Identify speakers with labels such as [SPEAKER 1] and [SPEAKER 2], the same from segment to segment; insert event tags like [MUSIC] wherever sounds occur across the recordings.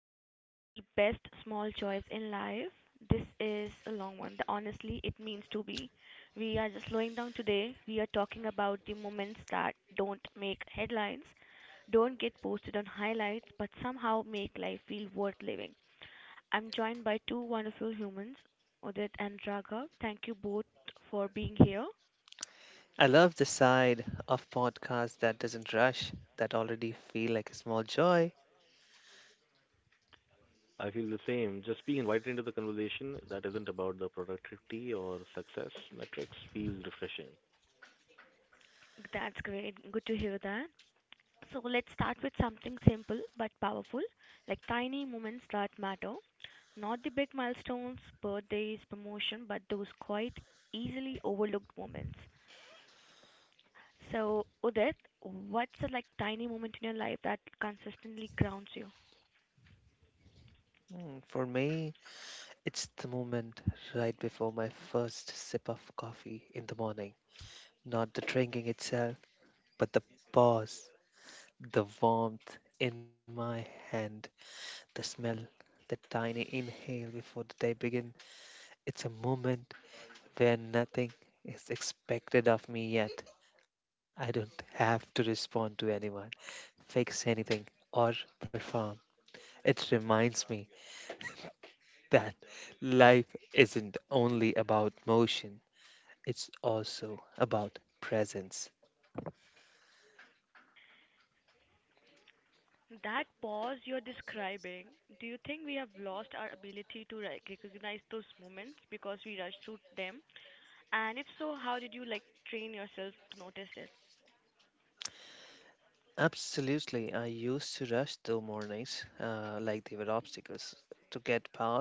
[SPEAKER 1] episode of the best small choice in life. This is a long one. The Honestly, it means to be. We are just slowing down today. We are talking about the moments that don't make headlines, don't get posted on highlights, but somehow make life feel worth living. I'm joined by two wonderful humans, Odit and Raghav. Thank you both for being here.
[SPEAKER 2] I love the side of podcast that doesn't rush, that already feel like a small joy.
[SPEAKER 3] I feel the same. Just being invited into the conversation that isn't about the productivity or success metrics feels refreshing.
[SPEAKER 1] That's great. Good to hear that. So let's start with something simple but powerful, like tiny moments that matter. Not the big milestones, birthdays, promotion, but those quite easily overlooked moments. So, Udit, what's a, like, tiny moment in your life that consistently grounds you?
[SPEAKER 2] For me, it's the moment right before my first sip of coffee in the morning. Not the drinking itself, but the pause, the warmth in my hand, the smell, the tiny inhale before the day begins. It's a moment where nothing is expected of me yet. I don't have to respond to anyone, fix anything, or perform. It reminds me that life isn't only about motion, it's also about presence.
[SPEAKER 1] That pause you're describing, do you think we have lost our ability to recognize those moments because we rush through them? And if so, how did you like train yourself to notice this?
[SPEAKER 2] Absolutely, I used to rush through mornings like they were obstacles to get past.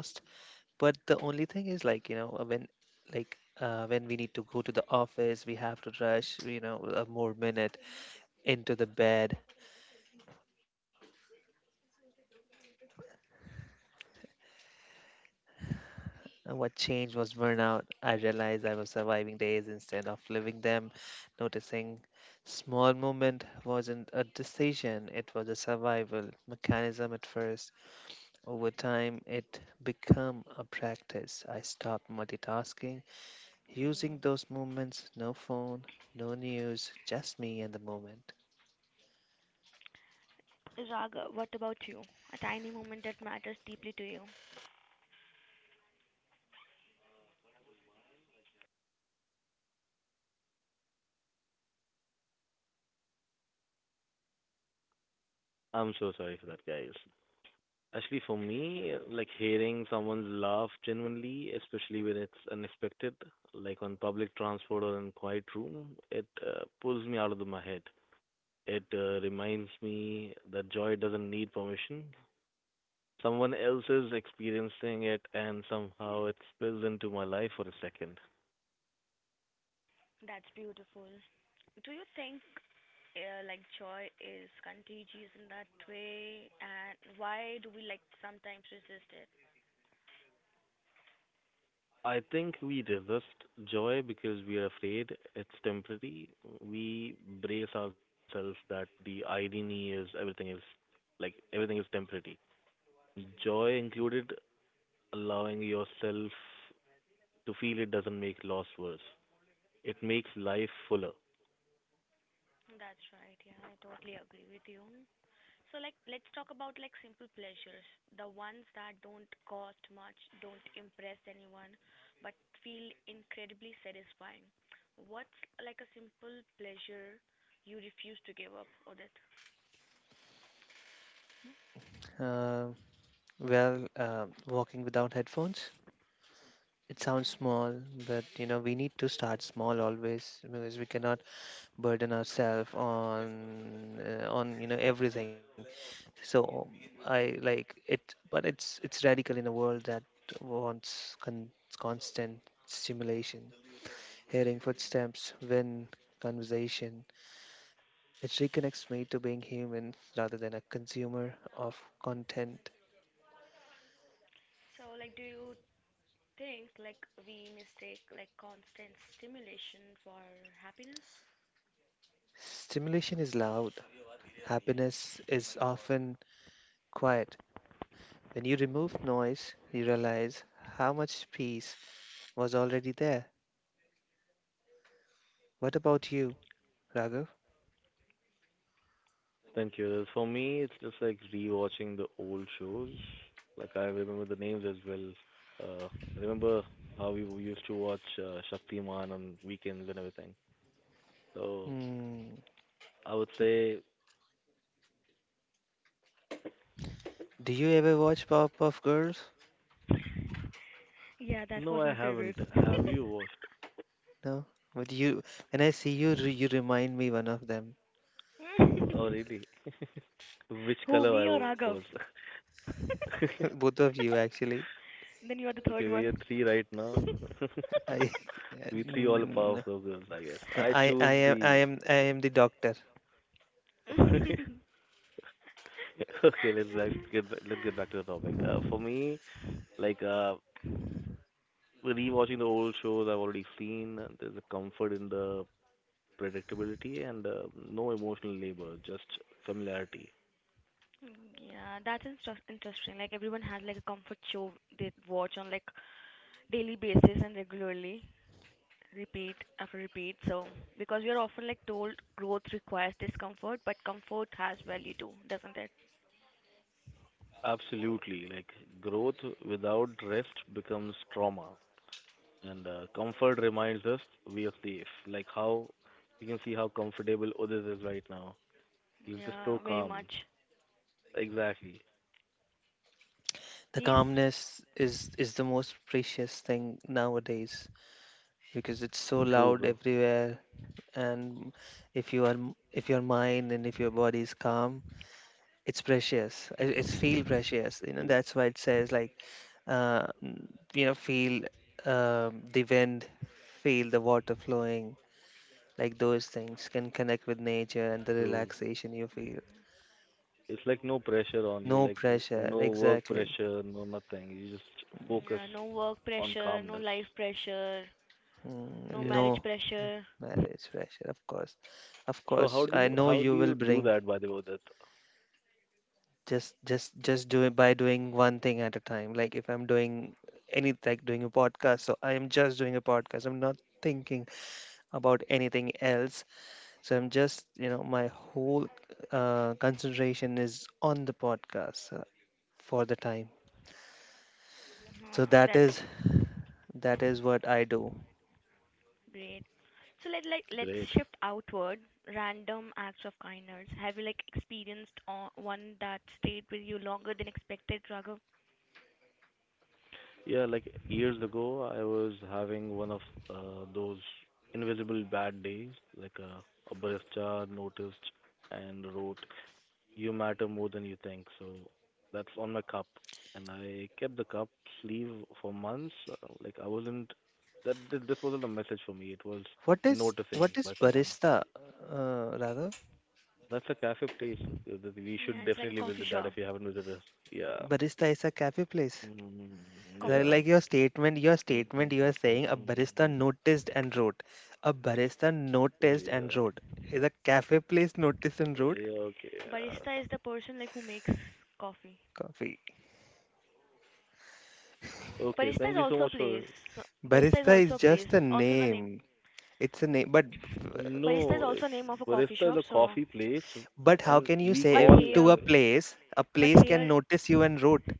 [SPEAKER 2] But the only thing is, like, when like when we need to go to the office, we have to rush, a more minute. Into the bed. And what changed was burnout. I realized I was surviving days instead of living them. Noticing small movement wasn't a decision, it was a survival mechanism at first. Over time, it became a practice. I stopped multitasking, using those moments. No phone, no news, just me and the moment.
[SPEAKER 1] Raghav, what about you? A tiny moment that matters deeply to you.
[SPEAKER 3] I'm so sorry for that, guys. Actually, for me, like hearing someone laugh genuinely, especially when it's unexpected, like on public transport or in quiet room, it pulls me out of my head. It reminds me that joy doesn't need permission. Someone else is experiencing it, and somehow it spills into my life for a second.
[SPEAKER 1] That's beautiful. Do you think like joy is contagious in that way, and why do we like sometimes resist it?
[SPEAKER 3] I think we resist joy because we are afraid it's temporary. We brace ourselves that the irony is everything is temporary. Joy included allowing yourself to feel it doesn't make loss worse. It makes life fuller.
[SPEAKER 1] That's right. Yeah, I totally agree with you. So like, let's talk about like simple pleasures, the ones that don't cost much, don't impress anyone, but feel incredibly satisfying. What's like a simple pleasure you refuse to give up, Odit?
[SPEAKER 2] Uh, well, walking without headphones. It sounds
[SPEAKER 1] Yeah.
[SPEAKER 2] small, but you know, we need to start small always because we cannot burden ourselves on on everything. So I like it, but it's radical in a world that wants constant stimulation. Hearing footsteps, when conversation, it reconnects me to being human rather than a consumer of content.
[SPEAKER 1] So, like, do you think like we mistake like constant stimulation for happiness?
[SPEAKER 2] Stimulation is loud. Happiness is often quiet. When you remove noise, you realize how much peace was already there. What about you, Raghav?
[SPEAKER 3] Thank you. For me, it's just like rewatching the old shows. Like I remember the names as well. Uh, I remember how we used to watch Shaktiman on weekends and everything. So
[SPEAKER 2] Hmm.
[SPEAKER 3] I would say,
[SPEAKER 2] Do you ever watch Powerpuff Girls?
[SPEAKER 1] Yeah, that
[SPEAKER 3] no,
[SPEAKER 1] was
[SPEAKER 3] I
[SPEAKER 1] my favorite.
[SPEAKER 3] haven't. Have you watched?
[SPEAKER 2] No. But you, when I see you, you remind me one of them.
[SPEAKER 3] Oh, really? [LAUGHS] Which
[SPEAKER 1] [LAUGHS] Who,
[SPEAKER 3] color I
[SPEAKER 1] me or
[SPEAKER 3] was?
[SPEAKER 1] Raghav?
[SPEAKER 2] [LAUGHS]
[SPEAKER 3] [LAUGHS]
[SPEAKER 2] Both of you, actually.
[SPEAKER 1] Then you are the
[SPEAKER 3] Okay,
[SPEAKER 1] third
[SPEAKER 3] we
[SPEAKER 1] one.
[SPEAKER 3] are three right now. [LAUGHS]
[SPEAKER 2] I, [LAUGHS]
[SPEAKER 3] We three all
[SPEAKER 2] Mm,
[SPEAKER 3] powerful girls, I guess.
[SPEAKER 2] no,
[SPEAKER 3] I
[SPEAKER 2] I, I
[SPEAKER 3] choose
[SPEAKER 2] am, I
[SPEAKER 3] the.
[SPEAKER 2] am, I am the doctor.
[SPEAKER 3] [LAUGHS]
[SPEAKER 1] [LAUGHS]
[SPEAKER 3] Okay, let's get back to the topic. For me, like uh, rewatching the old shows I've already seen, there's a comfort in the predictability and no emotional labor, just familiarity.
[SPEAKER 1] Yeah, that's interesting. Like, everyone has like a comfort show they watch on like daily basis and regularly, repeat after repeat. So, because we are often like told growth requires discomfort, but comfort has value too, doesn't it?
[SPEAKER 3] Absolutely. Like growth without rest becomes trauma, and comfort reminds us we are safe. Like how you can see how comfortable Udit is right now. He's just
[SPEAKER 1] Yeah,
[SPEAKER 3] so
[SPEAKER 1] very
[SPEAKER 3] calm.
[SPEAKER 1] much.
[SPEAKER 3] Exactly.
[SPEAKER 2] The
[SPEAKER 1] He's
[SPEAKER 2] calmness is the most precious thing nowadays because it's so
[SPEAKER 3] True,
[SPEAKER 2] loud
[SPEAKER 3] bro.
[SPEAKER 2] everywhere, and if your mind and if your body is calm, it's precious. It's feel
[SPEAKER 3] True.
[SPEAKER 2] precious. You know that's why it says like uh, mm, feel the wind, feel the water flowing. Like those things can connect with nature and the
[SPEAKER 3] True.
[SPEAKER 2] relaxation you feel.
[SPEAKER 3] It's like no pressure on you.
[SPEAKER 2] No
[SPEAKER 3] Like y-
[SPEAKER 2] pressure.
[SPEAKER 3] no work
[SPEAKER 2] Exactly.
[SPEAKER 3] pressure, no nothing. You just focus
[SPEAKER 1] Yeah, no work
[SPEAKER 3] on
[SPEAKER 1] pressure, no
[SPEAKER 3] calmness.
[SPEAKER 1] life pressure,
[SPEAKER 2] Mm,
[SPEAKER 1] no
[SPEAKER 3] Yeah.
[SPEAKER 1] marriage
[SPEAKER 2] no
[SPEAKER 1] pressure.
[SPEAKER 2] marriage pressure. Of course. Of
[SPEAKER 3] So
[SPEAKER 2] course.
[SPEAKER 3] how do
[SPEAKER 2] I
[SPEAKER 3] you
[SPEAKER 2] know
[SPEAKER 3] how
[SPEAKER 2] you
[SPEAKER 3] do
[SPEAKER 2] will
[SPEAKER 3] you do
[SPEAKER 2] bring
[SPEAKER 3] that, by the way, Udit?
[SPEAKER 2] just do it by doing one thing at a time. Like if I'm doing any like doing a podcast, so I am just doing a podcast. I'm not thinking about anything else. So I'm just, my whole concentration is on the podcast, for the time. So that
[SPEAKER 1] That's
[SPEAKER 2] is that is what I do.
[SPEAKER 1] great. So let's
[SPEAKER 3] Great.
[SPEAKER 1] shift outward. Random acts of kindness. Have you like experienced one that stayed with you longer than expected, Raghav?
[SPEAKER 3] Yeah, like years ago, I was having one of those invisible bad days. Like a barista noticed and wrote, "You matter more than you think." So that's on my cup, and I kept the cup sleeve for months. Like I wasn't this wasn't a message for me. It was
[SPEAKER 2] What is
[SPEAKER 3] noticing
[SPEAKER 2] what is
[SPEAKER 3] by someone.
[SPEAKER 2] barista? Rather,
[SPEAKER 3] That's a cafe place, that we
[SPEAKER 1] Yeah,
[SPEAKER 3] should
[SPEAKER 1] it's like a
[SPEAKER 3] definitely
[SPEAKER 1] coffee
[SPEAKER 3] visit that
[SPEAKER 1] shop,
[SPEAKER 3] if you haven't visited us. Yeah.
[SPEAKER 2] barista is a cafe place.
[SPEAKER 3] Mm,
[SPEAKER 1] coffee
[SPEAKER 2] Like,
[SPEAKER 3] yeah.
[SPEAKER 2] like
[SPEAKER 1] place.
[SPEAKER 2] your statement, you are saying a barista
[SPEAKER 3] Mm.
[SPEAKER 2] noticed and wrote. A barista noticed and
[SPEAKER 3] Yeah.
[SPEAKER 2] wrote. Is a cafe place noticed and wrote?
[SPEAKER 3] Yeah. Okay. Uh,
[SPEAKER 1] Barista is the person like who makes coffee.
[SPEAKER 2] Coffee.
[SPEAKER 3] okay.
[SPEAKER 1] Barista is
[SPEAKER 3] Thank you so
[SPEAKER 1] also a
[SPEAKER 3] much for.
[SPEAKER 1] place. Barista is
[SPEAKER 2] Barista
[SPEAKER 1] also
[SPEAKER 2] is
[SPEAKER 1] a place.
[SPEAKER 2] just a
[SPEAKER 1] Also the name.
[SPEAKER 2] name. It's a name,
[SPEAKER 1] Barista is
[SPEAKER 3] No, it's
[SPEAKER 1] also name of a coffee
[SPEAKER 3] barista is
[SPEAKER 1] shop.
[SPEAKER 3] a
[SPEAKER 1] So,
[SPEAKER 3] coffee place,
[SPEAKER 2] but how
[SPEAKER 3] and
[SPEAKER 2] can you
[SPEAKER 3] we
[SPEAKER 2] say
[SPEAKER 1] but
[SPEAKER 2] if
[SPEAKER 3] call
[SPEAKER 2] to
[SPEAKER 1] here,
[SPEAKER 2] a place, a
[SPEAKER 1] but
[SPEAKER 2] place can
[SPEAKER 1] here.
[SPEAKER 2] notice you and root?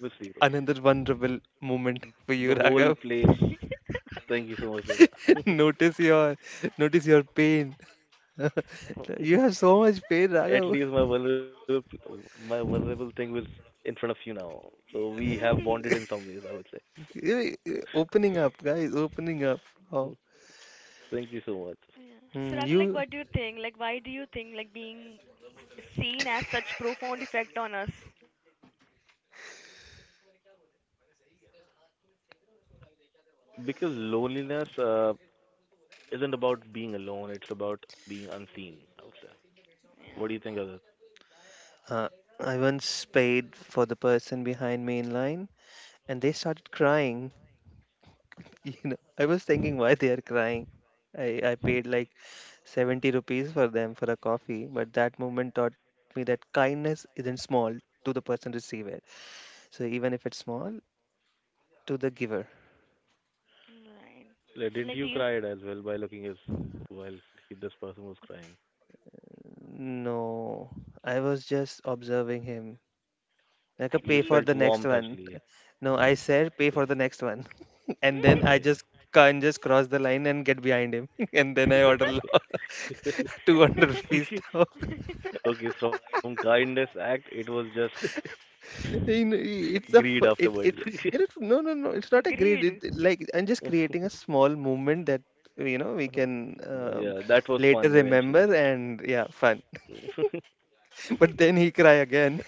[SPEAKER 3] obviously the
[SPEAKER 2] Another vulnerable moment [LAUGHS] for you,
[SPEAKER 3] whole
[SPEAKER 2] Raghav.
[SPEAKER 3] place. Thank you so much for that.
[SPEAKER 2] [LAUGHS]
[SPEAKER 3] [LAUGHS]
[SPEAKER 2] notice your notice your pain. [LAUGHS] You have so much pain,
[SPEAKER 3] At
[SPEAKER 2] Raghav.
[SPEAKER 3] least
[SPEAKER 2] [LAUGHS]
[SPEAKER 3] my vulnerable thing was in front of you now, so we have bonded in
[SPEAKER 1] [LAUGHS]
[SPEAKER 3] some ways, I would say.
[SPEAKER 2] Opening up, guys, opening up. Oh.
[SPEAKER 3] [LAUGHS] Thank you so much.
[SPEAKER 1] Yeah.
[SPEAKER 2] Hmm,
[SPEAKER 1] Suraka, like,
[SPEAKER 2] you
[SPEAKER 1] what do you think? Like, why do you think like being seen as such profound effect on us?
[SPEAKER 3] Because loneliness isn't about being alone; it's about being unseen, I would say. What do
[SPEAKER 1] Yeah.
[SPEAKER 3] you think of that?
[SPEAKER 2] uh, I once paid for the person behind me in line and they started crying. [LAUGHS] I was thinking why they are crying. I paid like 70 rupees for them for a coffee, but that moment taught me that kindness isn't small to the person receive it. So even if it's small to the giver.
[SPEAKER 1] Right.
[SPEAKER 3] Like,
[SPEAKER 1] So,
[SPEAKER 3] didn't
[SPEAKER 1] like, do
[SPEAKER 3] you
[SPEAKER 1] you?
[SPEAKER 3] cried as well by looking at while he, this person was crying?
[SPEAKER 2] No, I was just observing him. Like
[SPEAKER 1] I
[SPEAKER 2] a
[SPEAKER 3] You
[SPEAKER 1] think
[SPEAKER 2] pay
[SPEAKER 3] just
[SPEAKER 2] for
[SPEAKER 1] you.
[SPEAKER 3] felt
[SPEAKER 2] the next
[SPEAKER 3] warmth
[SPEAKER 2] one.
[SPEAKER 3] actually.
[SPEAKER 2] No, I said pay for the next one, [LAUGHS] and then I
[SPEAKER 3] Okay,
[SPEAKER 2] just can not just cross the line and get behind him, [LAUGHS] and then I order
[SPEAKER 3] okay,
[SPEAKER 2] lot
[SPEAKER 3] okay.
[SPEAKER 2] 200 [LAUGHS]
[SPEAKER 1] [LAUGHS]
[SPEAKER 2] rupees. [LAUGHS]
[SPEAKER 3] [LAUGHS] Okay, from kindness act, it was just
[SPEAKER 2] You know,
[SPEAKER 3] [LAUGHS]
[SPEAKER 2] it's a
[SPEAKER 3] greed
[SPEAKER 2] it
[SPEAKER 3] afterwards.
[SPEAKER 2] it
[SPEAKER 3] [LAUGHS]
[SPEAKER 2] no no no it's not a grade
[SPEAKER 1] Greed.
[SPEAKER 2] it, like I'm just creating a small movement that we can
[SPEAKER 3] Yeah, that was
[SPEAKER 2] later
[SPEAKER 3] fun eventually.
[SPEAKER 2] remember and yeah fun
[SPEAKER 3] [LAUGHS] That
[SPEAKER 2] [LAUGHS] but then he cry again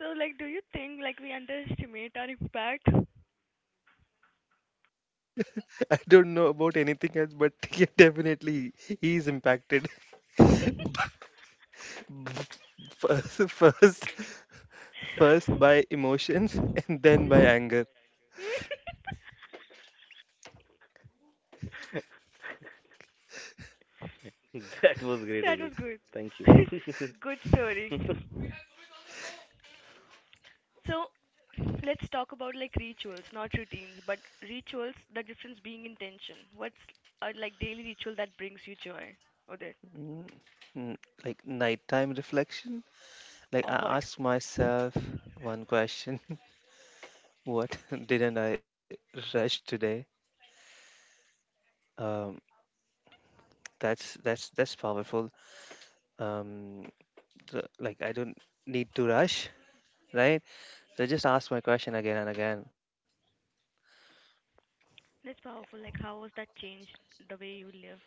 [SPEAKER 1] So, like, do you think like we underestimate our impact?
[SPEAKER 2] [LAUGHS] I don't know about anything else but [LAUGHS] yeah, definitely he is impacted [LAUGHS] first first first by emotions and then by anger.
[SPEAKER 3] was great,
[SPEAKER 1] That
[SPEAKER 3] Udit.
[SPEAKER 1] was good.
[SPEAKER 3] Thank you.
[SPEAKER 1] [LAUGHS] Good story.
[SPEAKER 3] [LAUGHS]
[SPEAKER 1] So, let's talk about like rituals, not routines, but rituals. The difference being intention. What's a like daily ritual that brings you joy? Or that?
[SPEAKER 2] Mm, mm, like nighttime reflection, like
[SPEAKER 1] Or
[SPEAKER 2] I
[SPEAKER 1] what?
[SPEAKER 2] ask myself one question. What [LAUGHS] didn't I rush today? Um, that's powerful. Um, like I don't need to rush, right? So I just ask my question again and again.
[SPEAKER 1] That's powerful. Like, how has that changed the way you live?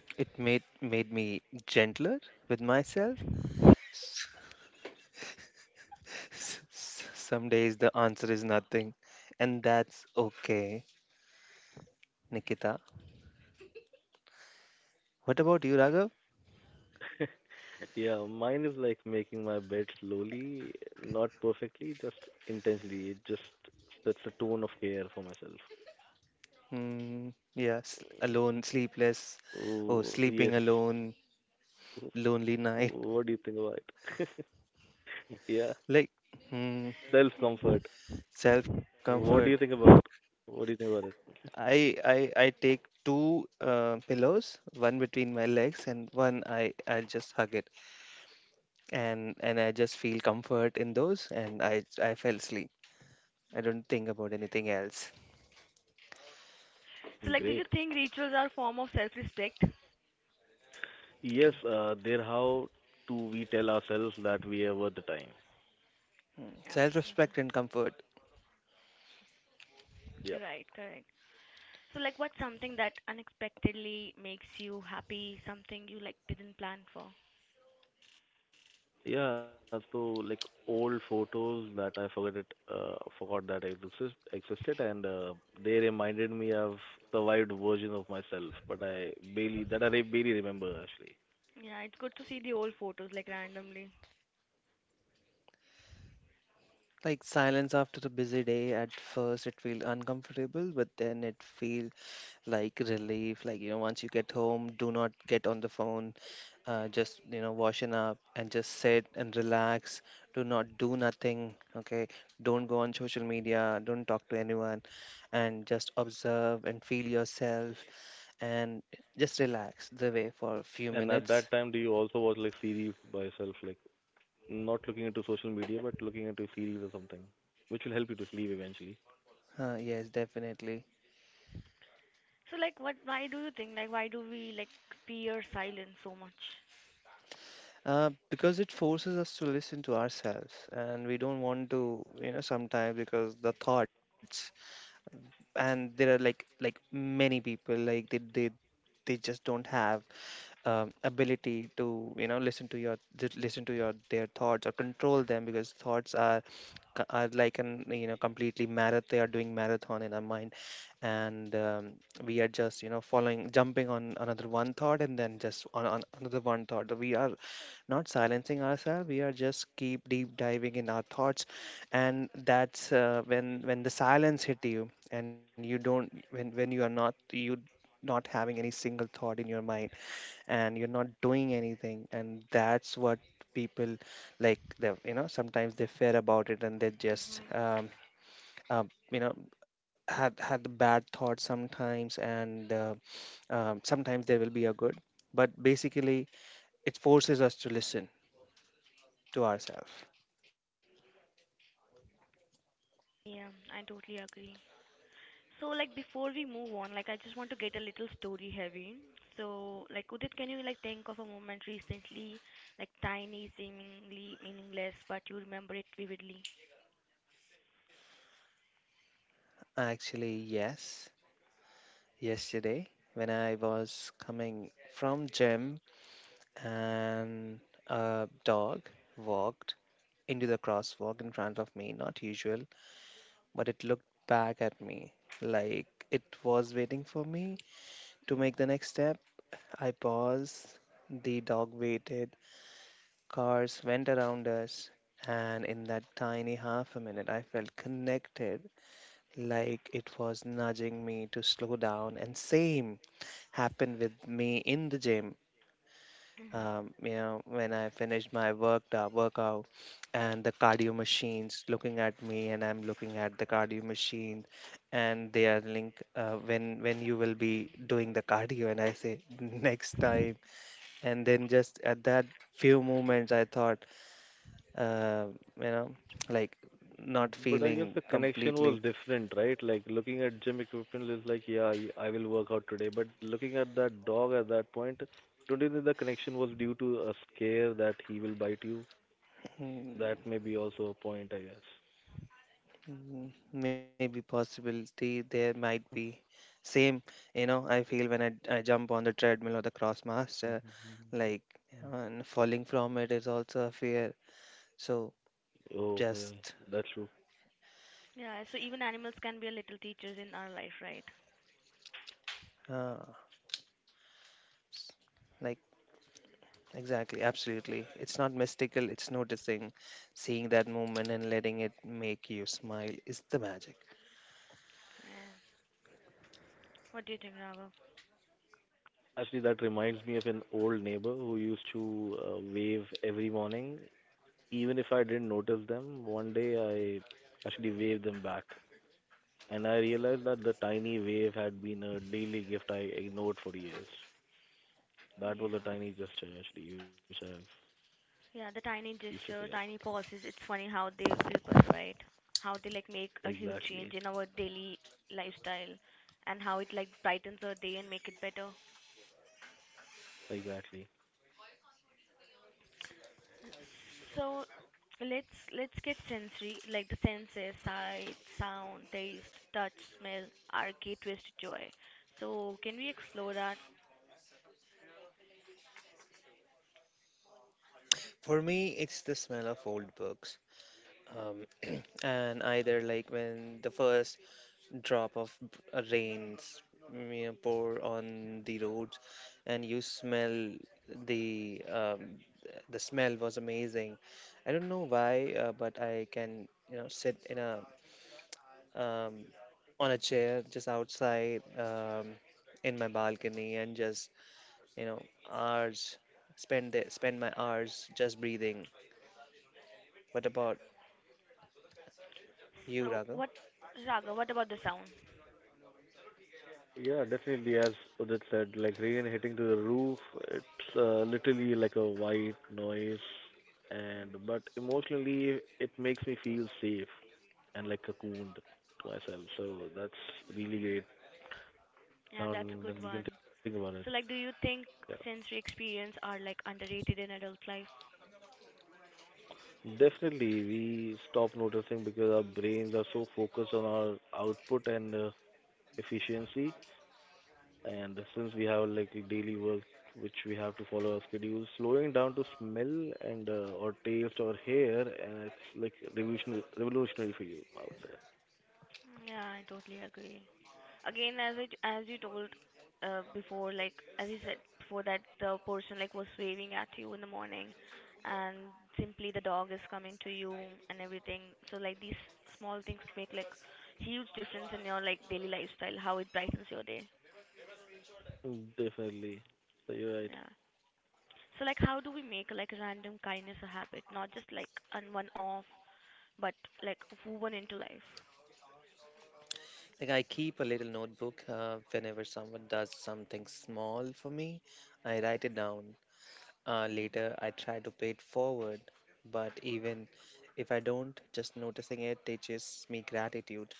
[SPEAKER 2] It made me gentler with myself. [LAUGHS] Some days the answer is nothing, and that's okay, Nikita. What about you, Raghav?
[SPEAKER 3] [LAUGHS] Yeah, mine is like making my bed slowly, not perfectly, just intentionally. It just sets a tone of care for myself.
[SPEAKER 2] Hmm, yeah, alone,
[SPEAKER 3] Mm,
[SPEAKER 2] sleepless, or
[SPEAKER 3] oh,
[SPEAKER 2] sleeping
[SPEAKER 3] yes.
[SPEAKER 2] alone,
[SPEAKER 3] Oh,
[SPEAKER 2] lonely [LAUGHS] night,
[SPEAKER 3] what do you think about it? [LAUGHS] Yeah,
[SPEAKER 2] like hmm,
[SPEAKER 1] Hmm.
[SPEAKER 3] self-comfort.
[SPEAKER 2] self comfort.
[SPEAKER 3] What do you think about? What do you think about
[SPEAKER 2] I take two pillows, one between my legs and one I just hug it and I just feel comfort in those and I fell asleep. I don't think about anything else.
[SPEAKER 1] So,
[SPEAKER 3] it?
[SPEAKER 1] like, do you
[SPEAKER 3] Great.
[SPEAKER 1] think rituals are a form of self-respect?
[SPEAKER 3] Yes, they're how do we tell ourselves that we are worth the time?
[SPEAKER 2] Mm,
[SPEAKER 1] Yeah,
[SPEAKER 2] Self-respect and comfort.
[SPEAKER 3] Yeah.
[SPEAKER 1] right, correct. So, like, what's something that unexpectedly makes you happy? Something you like didn't plan for?
[SPEAKER 3] Yeah, so like old photos that I forgot it, forgot that existed, and they reminded me of survived version of myself, but I barely remember actually.
[SPEAKER 1] Yeah, it's good to see the old photos like randomly.
[SPEAKER 2] Like silence after a busy day, at first it feels uncomfortable, but then it feels like relief. Like, once you get home, do not get on the phone, just washing up and just sit and relax. Do not do nothing, okay? Don't go on social media, don't talk to anyone, and just observe and feel yourself, and just relax the way for a few
[SPEAKER 3] And at that
[SPEAKER 2] minutes.
[SPEAKER 3] time, do you also watch like series by yourself, like not looking into social media, but looking into series or something, which will help you to sleep eventually?
[SPEAKER 2] Yes definitely.
[SPEAKER 1] So, like, what? Why do you think? Like, why do we like fear silence so much?
[SPEAKER 2] Because it forces us to listen to ourselves, and we don't want to sometimes because the thoughts. And there are like many people, like they just don't have ability to listen to your their thoughts or control them, because thoughts are are like an completely marathon, they are doing marathon in our mind. And we are just following, jumping on another one thought, and then just on another one thought. We are not silencing ourselves, we are just keep deep diving in our thoughts. And that's when the silence hit you, and you don't when you are not you not having any single thought in your mind, and you're not doing anything. And that's what people, like, they sometimes they fear about it. And they just
[SPEAKER 1] Hmm.
[SPEAKER 2] um, you know had the bad thoughts sometimes, and sometimes there will be a good, but basically it forces us to listen to ourselves.
[SPEAKER 1] Yeah, I totally agree. So, like, before we move on, like, I just want to get a little story heavy. So, like, Udit, can you, like, think of a moment recently, like, tiny, seemingly meaningless, but you remember it vividly?
[SPEAKER 2] Actually, yes, yesterday when I was coming from gym, and a dog walked into the crosswalk in front of me, not usual, but it looked back at me like it was waiting for me to make the
[SPEAKER 1] Mm-hmm.
[SPEAKER 2] next step. I paused, the dog waited, cars went around us, and in that tiny half a minute, I felt connected, like it was nudging me to slow down. And same happened with me in the gym.
[SPEAKER 1] Mm-hmm.
[SPEAKER 2] When I finished my workout, and the cardio machines looking at me and I'm looking at the cardio machine, and they are link when you will be doing the cardio, and I say [LAUGHS] next time. And then just at that few moments I thought, uh, you know like, not
[SPEAKER 3] But I guess
[SPEAKER 2] feeling
[SPEAKER 3] the connection
[SPEAKER 2] completely
[SPEAKER 3] was different, right? Like looking at gym equipment is like, yeah, y- I will work out today. But looking at that dog at that point, don't you think the connection was due to a scare that he will bite you?
[SPEAKER 2] hmm,
[SPEAKER 3] That may be also a point, I
[SPEAKER 2] Maybe possibility there might
[SPEAKER 3] guess.
[SPEAKER 2] be. Same, I feel when I jump on the treadmill or the Crossmaster,
[SPEAKER 3] [LAUGHS]
[SPEAKER 2] like, and falling from it is also a fear. So
[SPEAKER 3] Oh, yeah,
[SPEAKER 2] just
[SPEAKER 3] that's true.
[SPEAKER 1] Yeah, so even animals can be a little teachers in our life, right?
[SPEAKER 2] uh, like, exactly, absolutely. It's not mystical, it's noticing, seeing that movement and letting it make you smile is the magic.
[SPEAKER 1] Yeah. What do you think, Raghav?
[SPEAKER 3] Actually, that reminds me of an old neighbor who used to wave every morning. Even if I didn't notice them, one day I actually waved them back, and I realized that the tiny wave had been a daily gift I ignored for years. That was a
[SPEAKER 1] Yeah.
[SPEAKER 3] tiny gesture, actually, which I've
[SPEAKER 1] Yeah, the tiny
[SPEAKER 3] used to forget.
[SPEAKER 1] gesture, tiny pauses, it's funny how they ripple, right? How they, like, make a huge
[SPEAKER 3] Exactly,
[SPEAKER 1] change in our daily lifestyle and how it, like, brightens our day and make it better.
[SPEAKER 3] exactly.
[SPEAKER 1] So let's get sensory, like the senses, sight, sound, taste, touch, smell, are gateways to joy. So can we explore that?
[SPEAKER 2] For me, it's the smell of old books. Um, and either like when the first drop of rains pour on the roads and you smell the the smell was amazing. I don't know why, but I can sit in a um, on a chair just outside, in my balcony and just you know hours spend my hours just breathing. What about you,
[SPEAKER 1] So
[SPEAKER 2] Raga?
[SPEAKER 1] what, Raga? What about the sound?
[SPEAKER 3] Yeah, definitely. As Udit said, like rain hitting to the roof, it's literally like a white noise, and
[SPEAKER 1] Mhm.
[SPEAKER 3] but emotionally, it makes me feel safe and like cocooned to myself. So that's
[SPEAKER 1] Yeah,
[SPEAKER 3] really great
[SPEAKER 1] yeah, that's a
[SPEAKER 3] sound,
[SPEAKER 1] good
[SPEAKER 3] and you can
[SPEAKER 1] one.
[SPEAKER 3] think about it.
[SPEAKER 1] So like, do you
[SPEAKER 3] Yeah.
[SPEAKER 1] think sensory experience are like underrated in adult life?
[SPEAKER 3] Definitely, we stop noticing because our brains are so focused on our output and efficiency. And since we have like a daily work which we have to follow our schedule, slowing down to smell and or taste or hear, and it's like revolutionary for you, I would
[SPEAKER 1] Yeah, I totally agree. Again, as you told before, like as you said before that the person like was waving at you in the morning, and simply the dog is coming to you and everything. So like these small things make like huge difference in your like daily lifestyle, how it brightens your day.
[SPEAKER 3] say. Definitely, so you're right.
[SPEAKER 1] Yeah. So like how do we make like random kindness a habit, not just like an one off, but like woven into life?
[SPEAKER 2] Like I keep a little notebook. Whenever someone does something small for me, I write it down. Later,
[SPEAKER 1] Hmm.
[SPEAKER 2] I try to pay it forward. But even if I don't, just noticing it teaches me gratitude.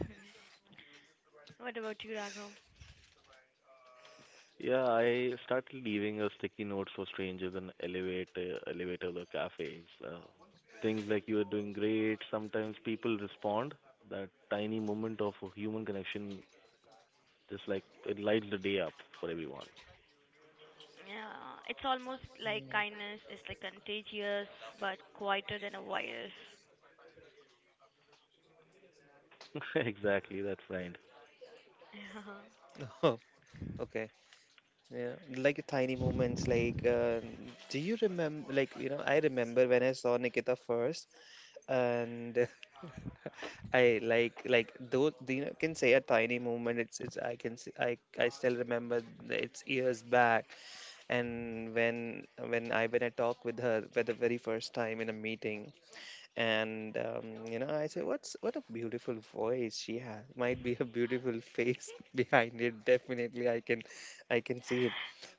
[SPEAKER 1] Hmm. [LAUGHS] What about you, Raghav?
[SPEAKER 3] Yeah, I started leaving a sticky note for strangers in elevators or cafes. Things like you are doing great. Sometimes people respond. That tiny moment of a human connection, just like it lights the day up for everyone.
[SPEAKER 1] Yeah, it's almost like
[SPEAKER 2] Mm.
[SPEAKER 1] kindness is like contagious but quieter than a virus.
[SPEAKER 3] [LAUGHS] Exactly, that friend.
[SPEAKER 1] [LAUGHS]
[SPEAKER 2] [LAUGHS] Oh, okay. Yeah, like tiny moments. Like, do you remember? Like, I remember when I saw Nikita first, and I like though can say a tiny movement. It's I can see, I still remember it's years back, and when I talked with her for the very first time in a meeting, and I say what a beautiful voice she has. Might be a beautiful face [LAUGHS] behind it. Definitely, I can see it.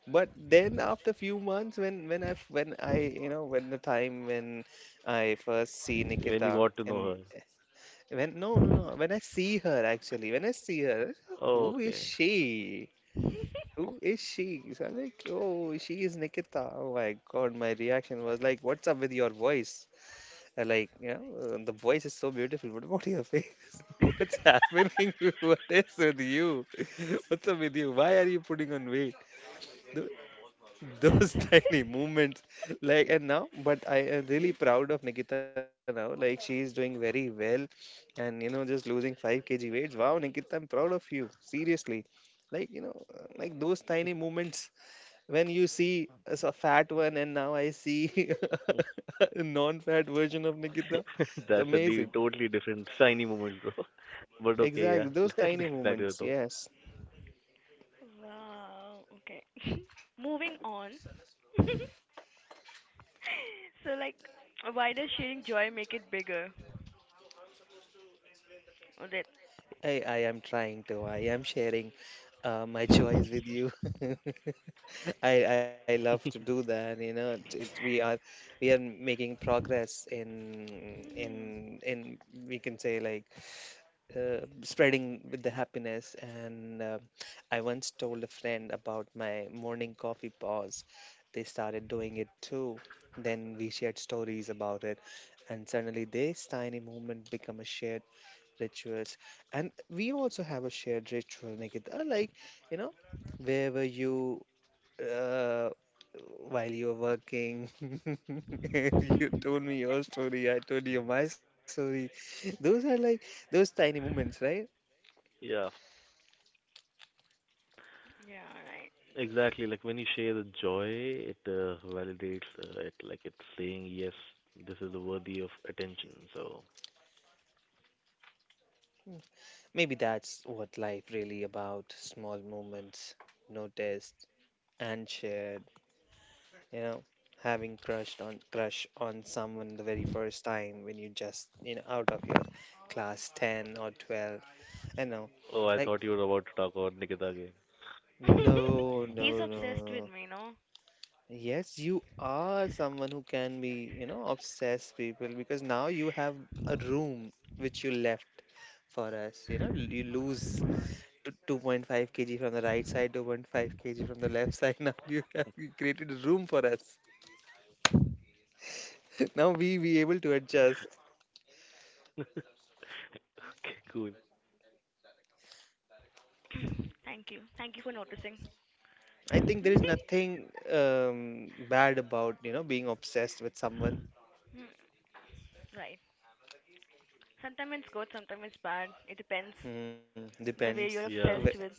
[SPEAKER 2] But then after few months, when I f- when I when the time when I first see
[SPEAKER 3] When you
[SPEAKER 2] Nikita
[SPEAKER 3] got to know
[SPEAKER 2] and
[SPEAKER 3] her.
[SPEAKER 2] when no, no, no. When I see her, actually, when I see her,
[SPEAKER 3] Oh,
[SPEAKER 2] who is
[SPEAKER 3] okay.
[SPEAKER 2] she? Who is she? So I'm like, oh, she is Nikita. Oh my God, my reaction was like, what's up with your voice? Like, the voice is so beautiful. What about your face? [LAUGHS] What's happening? [LAUGHS] What is with you? [LAUGHS] What's up with you? Why are you putting on weight? Those [LAUGHS] tiny movements. Like and Now, but I am really proud of Nikita now. Like, she is doing very well, and you know, just losing 5 kg weights. Wow, Nikita, I'm proud of you, seriously. Like, like those tiny movements, when you see a fat one, and now I see [LAUGHS] a non-fat version of Nikita.
[SPEAKER 3] [LAUGHS]
[SPEAKER 2] It's
[SPEAKER 3] That's a di-
[SPEAKER 2] amazing,
[SPEAKER 3] totally different shiny moments, bro. [LAUGHS] But okay, yeah.
[SPEAKER 2] exactly,
[SPEAKER 3] [LAUGHS]
[SPEAKER 2] those
[SPEAKER 3] Let's
[SPEAKER 2] tiny
[SPEAKER 3] get back to the
[SPEAKER 2] movements,
[SPEAKER 3] talk.
[SPEAKER 2] yes.
[SPEAKER 1] Yeah. Wow. Okay. [LAUGHS] Moving on. So like, why does sharing joy make it bigger? That.
[SPEAKER 2] I am trying to, I am sharing my [LAUGHS] joys with you. [LAUGHS] I love to do that, you know. We are, we are making progress in
[SPEAKER 1] Hmm.
[SPEAKER 2] we can say like, spreading with the happiness. And I once told a friend about my morning coffee pause. They started doing it too. Then we shared stories about it, and suddenly this tiny movement become a shared rituals. And we also have a shared ritual, Nikita. Like, you know, where were you, uh, while you're working? [LAUGHS] And you told me your story, I told you
[SPEAKER 3] Mhm.
[SPEAKER 2] my story. Those are like those tiny moments, right?
[SPEAKER 3] Yeah.
[SPEAKER 1] Yeah.
[SPEAKER 3] Exactly, like when you share the joy, it validates it, like it's saying, yes, this is worthy of attention. So,
[SPEAKER 2] Mm, maybe that's what life really about: small moments noticed and shared, you know, having crush on someone the very first time, when you just, you know, out of your class 10 or 12. I know.
[SPEAKER 3] oh, I
[SPEAKER 2] Like,
[SPEAKER 3] thought you were about to talk about Nikita again.
[SPEAKER 1] Right. [LAUGHS]
[SPEAKER 2] no no
[SPEAKER 1] He's obsessed with
[SPEAKER 2] no
[SPEAKER 1] me, no?
[SPEAKER 2] yes, you are someone who can be, you know, obsess people, because now you have a room which you left for us. You know, you lose 2.5 kg from the right side, 2.5 kg from the left side. [LAUGHS] Now you have created a room for us. [LAUGHS] Now we be able to adjust.
[SPEAKER 3] [LAUGHS] Okay, cool.
[SPEAKER 1] [CLEARS THROAT] Thank you. Thank you for noticing.
[SPEAKER 2] I think there is nothing bad about, you know, being obsessed with someone.
[SPEAKER 1] Hmm. Right. Sometimes it's good, sometimes it's bad. It depends
[SPEAKER 2] Mm,
[SPEAKER 1] the
[SPEAKER 2] depends
[SPEAKER 1] way you're
[SPEAKER 2] whe-
[SPEAKER 3] Yeah,
[SPEAKER 1] obsessed with.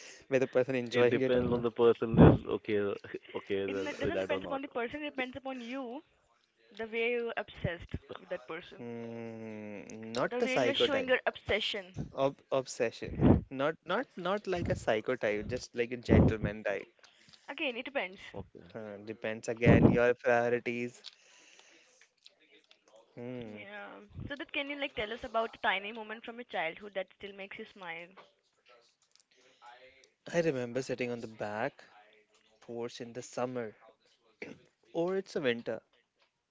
[SPEAKER 2] whether person enjoying
[SPEAKER 3] it
[SPEAKER 2] it or
[SPEAKER 3] depends
[SPEAKER 2] not.
[SPEAKER 3] on the person is okay, [LAUGHS] okay
[SPEAKER 1] It
[SPEAKER 3] with
[SPEAKER 1] n-
[SPEAKER 3] with
[SPEAKER 1] doesn't
[SPEAKER 3] that or
[SPEAKER 1] depend upon
[SPEAKER 3] not.
[SPEAKER 1] the person. It depends upon you. The way you're obsessed with
[SPEAKER 3] [LAUGHS]
[SPEAKER 1] that person.
[SPEAKER 2] Mm, not
[SPEAKER 1] The
[SPEAKER 2] the
[SPEAKER 3] Yeah,
[SPEAKER 1] way you're showing
[SPEAKER 2] psychotype.
[SPEAKER 1] your obsession.
[SPEAKER 2] Ob Obsession. Not like a psychotype, just like a gentleman type.
[SPEAKER 1] Again, it depends.
[SPEAKER 3] okay.
[SPEAKER 2] Depends again your priorities. Hmm.
[SPEAKER 1] Yeah. So that can you like tell us about a tiny moment from your childhood that still makes you smile?
[SPEAKER 2] I remember sitting on the back porch in the summer, or it's a winter.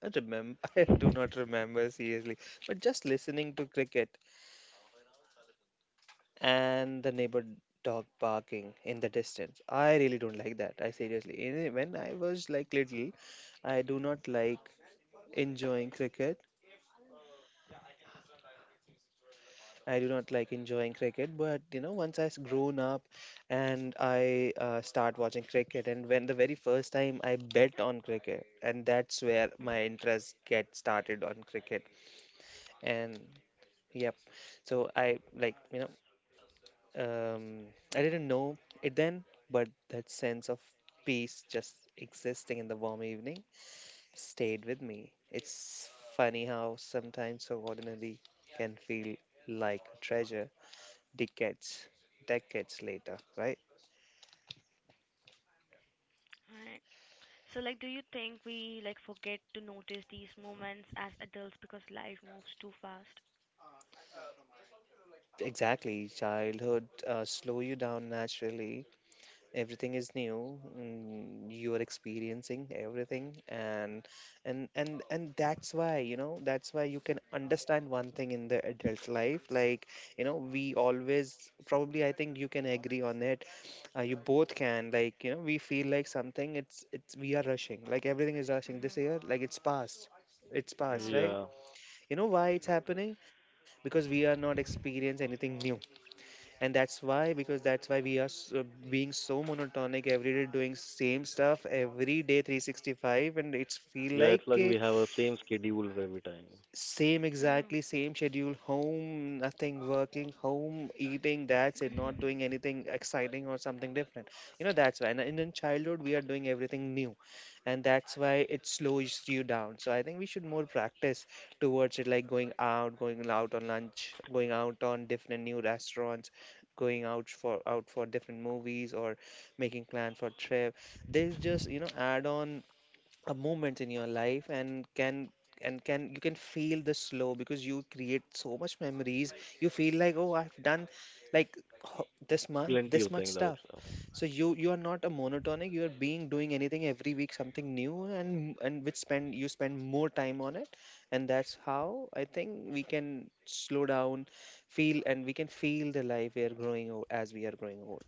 [SPEAKER 2] I remember, [LAUGHS] I do not remember seriously, but just listening to cricket and the neighbor dog barking in the distance. I really don't like that. I seriously, when I was like little, I do not like enjoying cricket. I do not like enjoying cricket, but you know, once grown up and I start watching cricket, and when the very first time I bet on cricket, and that's where my interest get started on cricket. And yep, so I like, you know, I didn't know it then, but that sense of peace just existing in the warm evening stayed with me. It's funny how sometimes so ordinary can feel like a treasure, decades, decades later, right?
[SPEAKER 1] Right. So like do you think we like forget to notice these moments as adults because life moves too fast?
[SPEAKER 2] Exactly, childhood slow you down naturally. Everything is new. Mm, you are experiencing everything, and that's why, you know, that's why you can understand one thing in the adult life. Like, you know, we always, probably, I think you can agree on it, you both can, like, you know, we feel like something, it's we are rushing, like everything is rushing
[SPEAKER 1] Mhm.
[SPEAKER 2] this year, like it's past, it's past,
[SPEAKER 1] Yeah.
[SPEAKER 2] right?
[SPEAKER 3] Yeah,
[SPEAKER 2] You know why it's happening? Because we are not experiencing anything new, and that's why, because that's why we are being so monotonic every day, doing same stuff every day, 365, and it's feel
[SPEAKER 3] yeah, it's
[SPEAKER 2] like.
[SPEAKER 3] like we have a same schedule every time.
[SPEAKER 2] Same, exactly,
[SPEAKER 1] Oh.
[SPEAKER 2] same schedule, home, nothing, working, home, eating, that's
[SPEAKER 1] [LAUGHS]
[SPEAKER 2] it, not
[SPEAKER 1] Mhm.
[SPEAKER 2] doing anything exciting or something different. You know, that's why. And in childhood, we are doing everything new, and that's why it slows you down. So I think we should more practice towards it, like going out on lunch, going out on different new restaurants, going out for out for different movies, or making plan for trip. There's just, you know, add on a moment in your life, and can, and can, you can feel the slow because you create so much memories. You feel like, oh, I've done, like, this month
[SPEAKER 3] Plenty
[SPEAKER 2] this
[SPEAKER 3] of
[SPEAKER 2] much
[SPEAKER 3] things, I would
[SPEAKER 2] stuff.
[SPEAKER 3] say.
[SPEAKER 2] So you are not a monotonic, you are being doing anything every week, something new, and which spend, you spend more time on it, and that's how I think we can slow down feel, and we can feel the life, we are growing old as we are growing old.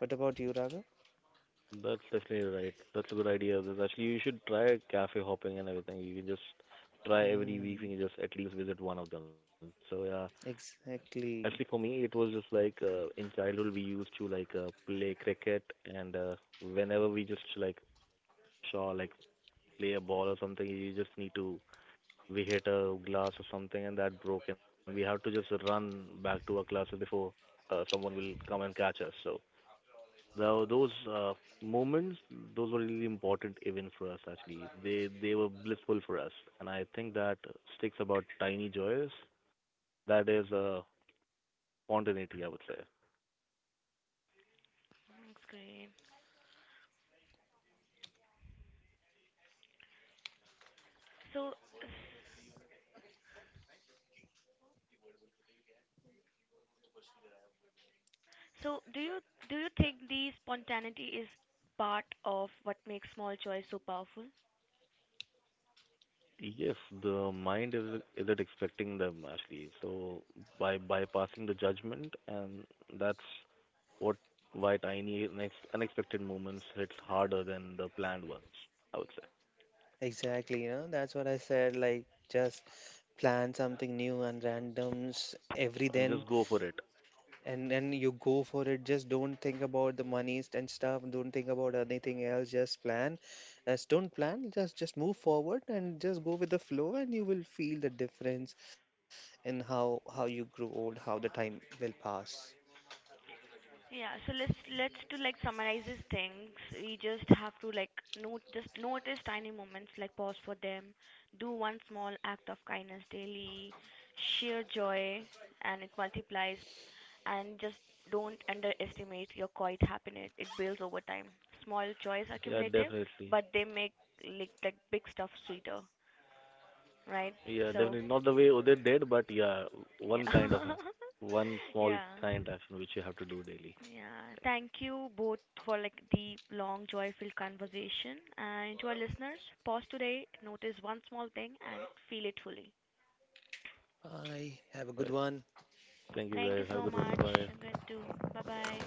[SPEAKER 2] What about you, Raga?
[SPEAKER 3] That's definitely right. That's a good idea. There's actually you should try cafe hopping and everything. You can just try every week
[SPEAKER 2] Hmm,
[SPEAKER 3] and just at least visit one of them. So yeah, actually for
[SPEAKER 2] exactly.
[SPEAKER 3] me it was just like in childhood we used to like play cricket and whenever we just like saw like play a ball or something, you just need to we hit a glass or something and that broke and we have to just run back to our classes before someone will come and catch us. So though those moments, those were really important events for us. Actually, they were blissful for us, and I think that sticks about tiny joys. That is spontaneity, I would say.
[SPEAKER 1] That's great. So so do you do you think the spontaneity is part of what makes small joys so powerful?
[SPEAKER 3] Yes, the mind is isn't expecting them actually. So by bypassing the judgment, and that's what why tiny next unexpected moments hits harder than the planned ones, I would say,
[SPEAKER 2] Exactly, you know, that's what I said. Like, just plan something new and randoms every
[SPEAKER 3] and
[SPEAKER 2] then,
[SPEAKER 3] just go for it.
[SPEAKER 2] and then you go for it. Just don't think about the monies and stuff. Don't think about anything else. Just plan. Just don't plan. Just move forward and just go with the flow, and you will feel the difference in how you grow old, how the time will pass.
[SPEAKER 1] Yeah. So let's to like summarize these things. We just have to like note just notice tiny moments, like pause for them, do one small act of kindness daily, share joy, and it multiplies. And just don't underestimate your quiet happiness. It builds over time. Small joys are
[SPEAKER 3] Yeah,
[SPEAKER 1] cumulative,
[SPEAKER 3] definitely.
[SPEAKER 1] but they make like big stuff sweeter, right?
[SPEAKER 3] Yeah,
[SPEAKER 1] So
[SPEAKER 3] definitely not the way Udit did, but yeah,
[SPEAKER 1] yeah,
[SPEAKER 3] one kind
[SPEAKER 1] [LAUGHS]
[SPEAKER 3] of, a- one small
[SPEAKER 1] yeah.
[SPEAKER 3] kind action which you have to do daily.
[SPEAKER 1] Yeah,
[SPEAKER 3] Thanks.
[SPEAKER 1] thank you both for like the long, joyful conversation. And to our listeners, pause today, notice one small thing, and feel it fully.
[SPEAKER 2] I have a
[SPEAKER 3] All
[SPEAKER 2] good
[SPEAKER 3] right.
[SPEAKER 2] one.
[SPEAKER 3] Thank you,
[SPEAKER 1] Thank you
[SPEAKER 3] guys. Have a
[SPEAKER 1] so
[SPEAKER 3] good one.
[SPEAKER 1] much.
[SPEAKER 3] Bye.
[SPEAKER 1] I'm going to bye bye.